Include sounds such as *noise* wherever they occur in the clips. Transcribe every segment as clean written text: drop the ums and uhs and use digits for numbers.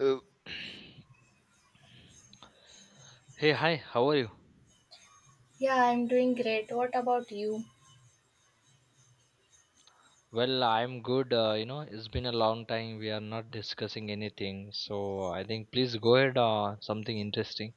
Uh, *clears throat* hey, hi, how are you? Yeah, I'm doing great. What about you? Well, I'm good. It's been a long time. We are not discussing anything. So I think please go ahead. Something interesting.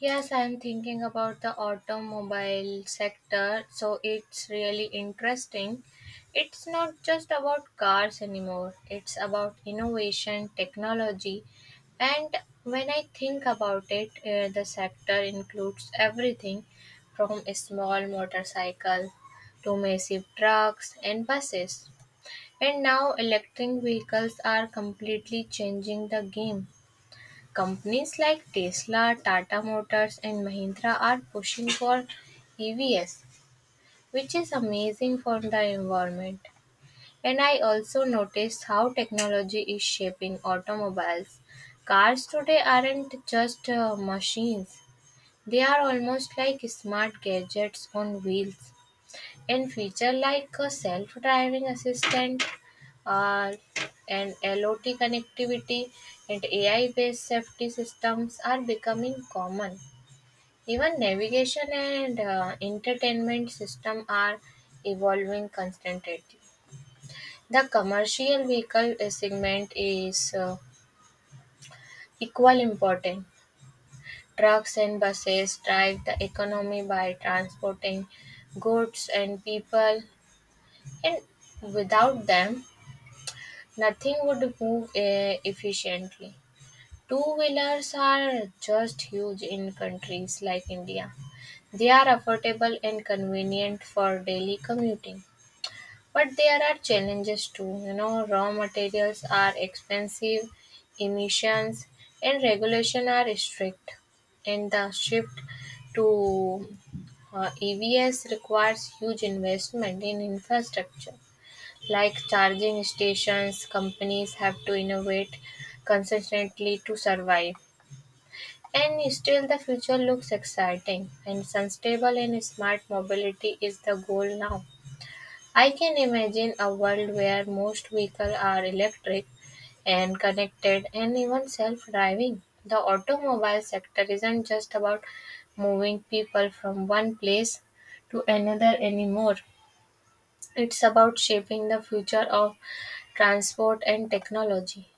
Yes, I'm thinking about the automobile sector, so it's really interesting. It's not just about cars anymore, it's about innovation, technology, and when I think about it, the sector includes everything from a small motorcycle to massive trucks and buses. And now electric vehicles are completely changing the game. Companies like Tesla, Tata Motors and Mahindra are pushing for EVs, which is amazing for the environment. And I also noticed how technology is shaping automobiles. Cars today aren't just machines. They are almost like smart gadgets on wheels. In features like a self-driving assistant, uh, and LOT connectivity, and AI-based safety systems are becoming common. Even navigation and entertainment systems are evolving constantly. The commercial vehicle segment is equal important. Trucks and buses drive the economy by transporting goods and people, and without them, nothing would move efficiently. Two wheelers are just huge in countries like India. They are affordable and convenient for daily commuting. But there are challenges too. You know, raw materials are expensive, emissions and regulation are strict, and the shift to EVs requires huge investment in infrastructure. Like charging stations, companies have to innovate consistently to survive. And still, the future looks exciting, and sustainable and smart mobility is the goal now. I can imagine a world where most vehicles are electric and connected and even self driving. The automobile sector isn't just about moving people from one place to another anymore. It's about shaping the future of transport and technology.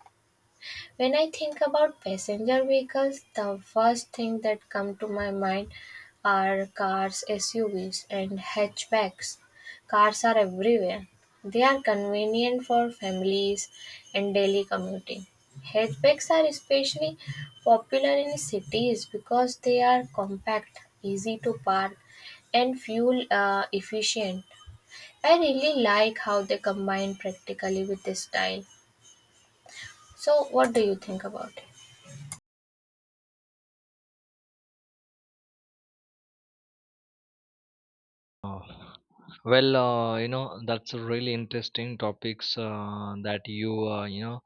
When I think about passenger vehicles, the first thing that come to my mind are cars, SUVs, and hatchbacks. Cars are everywhere. They are convenient for families and daily commuting. Hatchbacks are especially popular in cities because they are compact, easy to park, and fuel efficient. I really like how they combine practically with the style. So, what do you think about it? Uh, that's a really interesting topics that you, you know,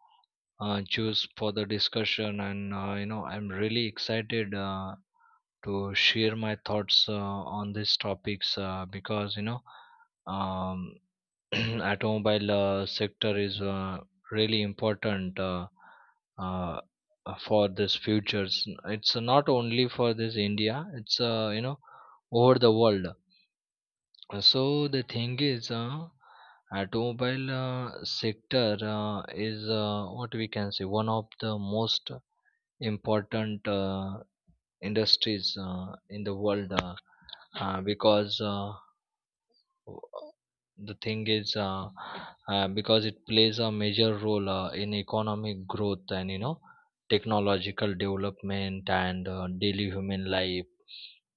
choose for the discussion. I'm really excited to share my thoughts on these topics um, *clears throat* automobile sector is really important uh, for this futures. It's not only for this india, it's over the world. So the thing is, automobile sector is what we can say one of the most important industries in the world, because the thing is, because it plays a major role in economic growth and, you know, technological development and daily human life.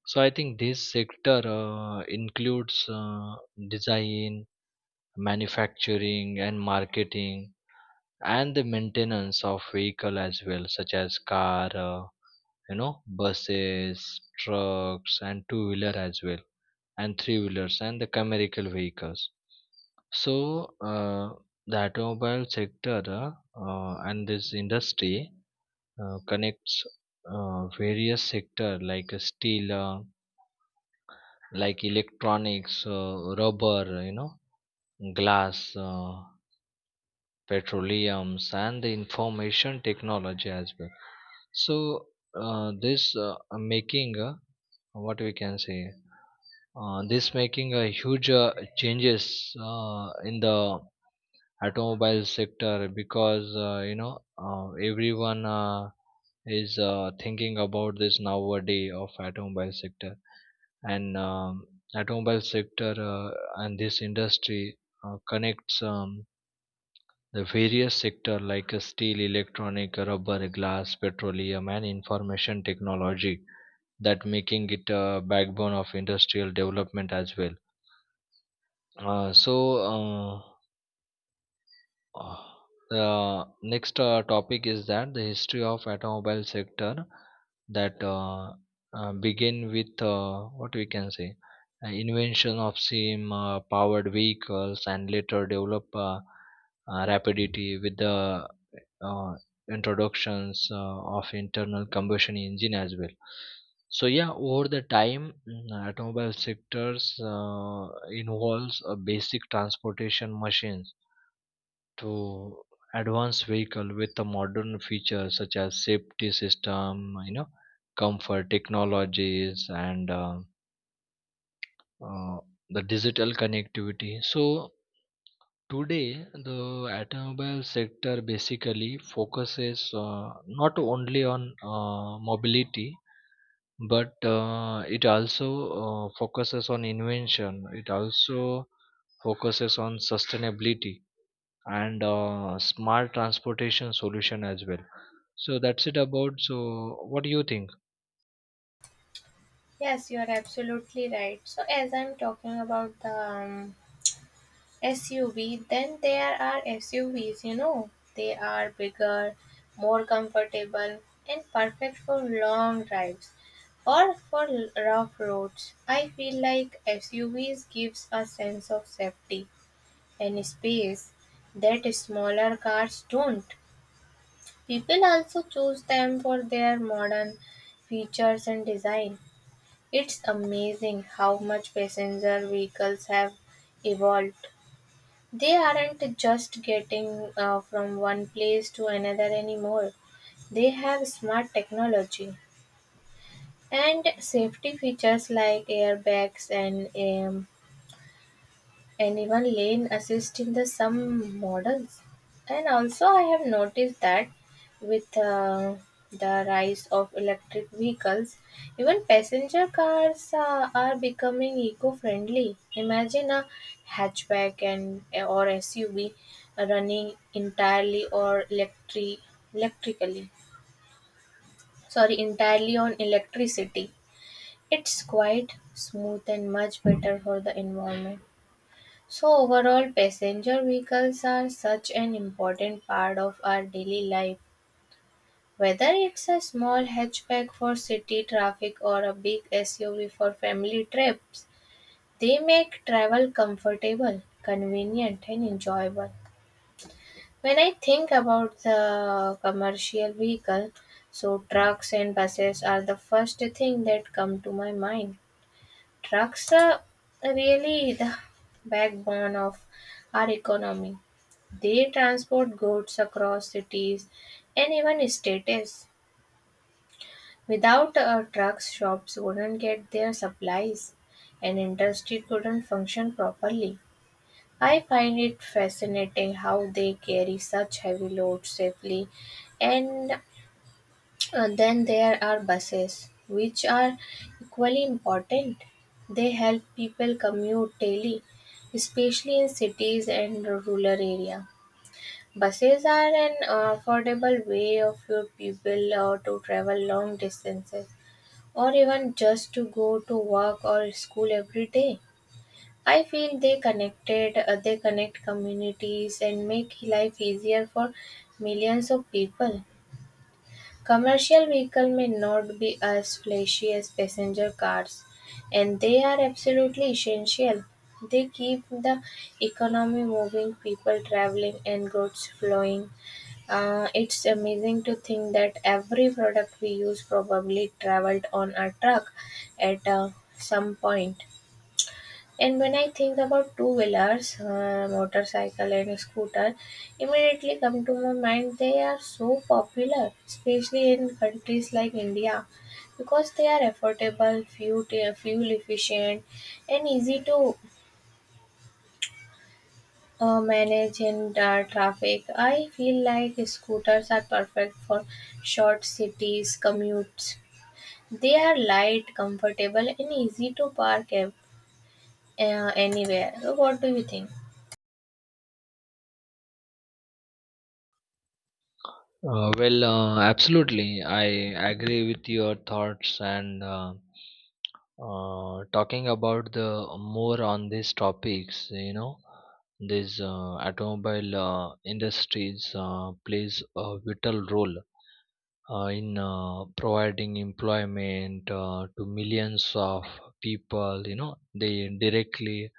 So I think this sector includes design, manufacturing, and marketing, and the maintenance of vehicle as well, such as car, buses, trucks, and two wheeler as well, and three wheelers and the commercial vehicles. So uh, the automobile sector and this industry connects various sector like steel, like electronics, rubber, you know, glass, petroleums, and the information technology as well. So this making, what we can say this making a huge changes in the automobile sector because, everyone is thinking about this nowadays of automobile sector. And automobile sector and this industry connects the various sector like steel, electronic, rubber, glass, petroleum, and information technology, that making it a backbone of industrial development as well. uh, so uh, uh, the next topic is that the history of automobile sector, that begin with, what we can say, invention of steam powered vehicles and later develop rapidity with the uh, introductions of internal combustion engine as well. So yeah, over the time, automobile sectors involves a basic transportation machines to advanced vehicle with the modern features such as safety system, you know, comfort technologies, and uh, the digital connectivity. So today, the automobile sector basically focuses not only on mobility, but it also focuses on invention. It also focuses on sustainability and smart transportation solution as well. So that's it about. So what do you think? Yes, you are absolutely right. So, as I'm talking about the SUV, then there are SUVs, you know, they are bigger, more comfortable, and perfect for long drives or for rough roads. I feel like SUVs gives a sense of safety and space that smaller cars don't. People also choose them for their modern features and design. It's amazing how much passenger vehicles have evolved. They aren't just getting from one place to another anymore. They have smart technology and safety features like airbags and anyone lane assist in the some models. And also I have noticed that with the rise of electric vehicles, even passenger cars are becoming eco-friendly. Imagine a hatchback and or SUV running entirely or electric electrically, sorry, entirely on electricity. It's quite smooth and much better for the environment. So overall, passenger vehicles are such an important part of our daily life. Whether it's a small hatchback for city traffic or a big SUV for family trips, they make travel comfortable, convenient, and enjoyable. When I think about the commercial vehicle, so trucks and buses are the first thing that come to my mind. Trucks are really the backbone of our economy. They transport goods across cities and even states. Without trucks, shops wouldn't get their supplies and industry couldn't function properly. I find it fascinating how they carry such heavy loads safely. And then there are buses, which are equally important. They help people commute daily, especially in cities and rural areas. Buses are an affordable way of your people to travel long distances or even just to go to work or school every day. I feel they connect communities and make life easier for millions of people. Commercial vehicles may not be as flashy as passenger cars, and they are absolutely essential. They keep the economy moving, people traveling, and goods flowing. It's amazing to think that every product we use probably traveled on a truck at some point. And when I think about two wheelers, motorcycle and scooter, immediately come to my mind. They are so popular, especially in countries like India, because they are affordable, fuel efficient, and easy to manage in traffic. I feel like scooters are perfect for short cities commutes. They are light, comfortable, and easy to park anywhere. What do you think? Absolutely. I agree with your thoughts and. Talking about the more on these topics, you know, this automobile industries plays a vital role in providing employment to millions of people, you know, they directly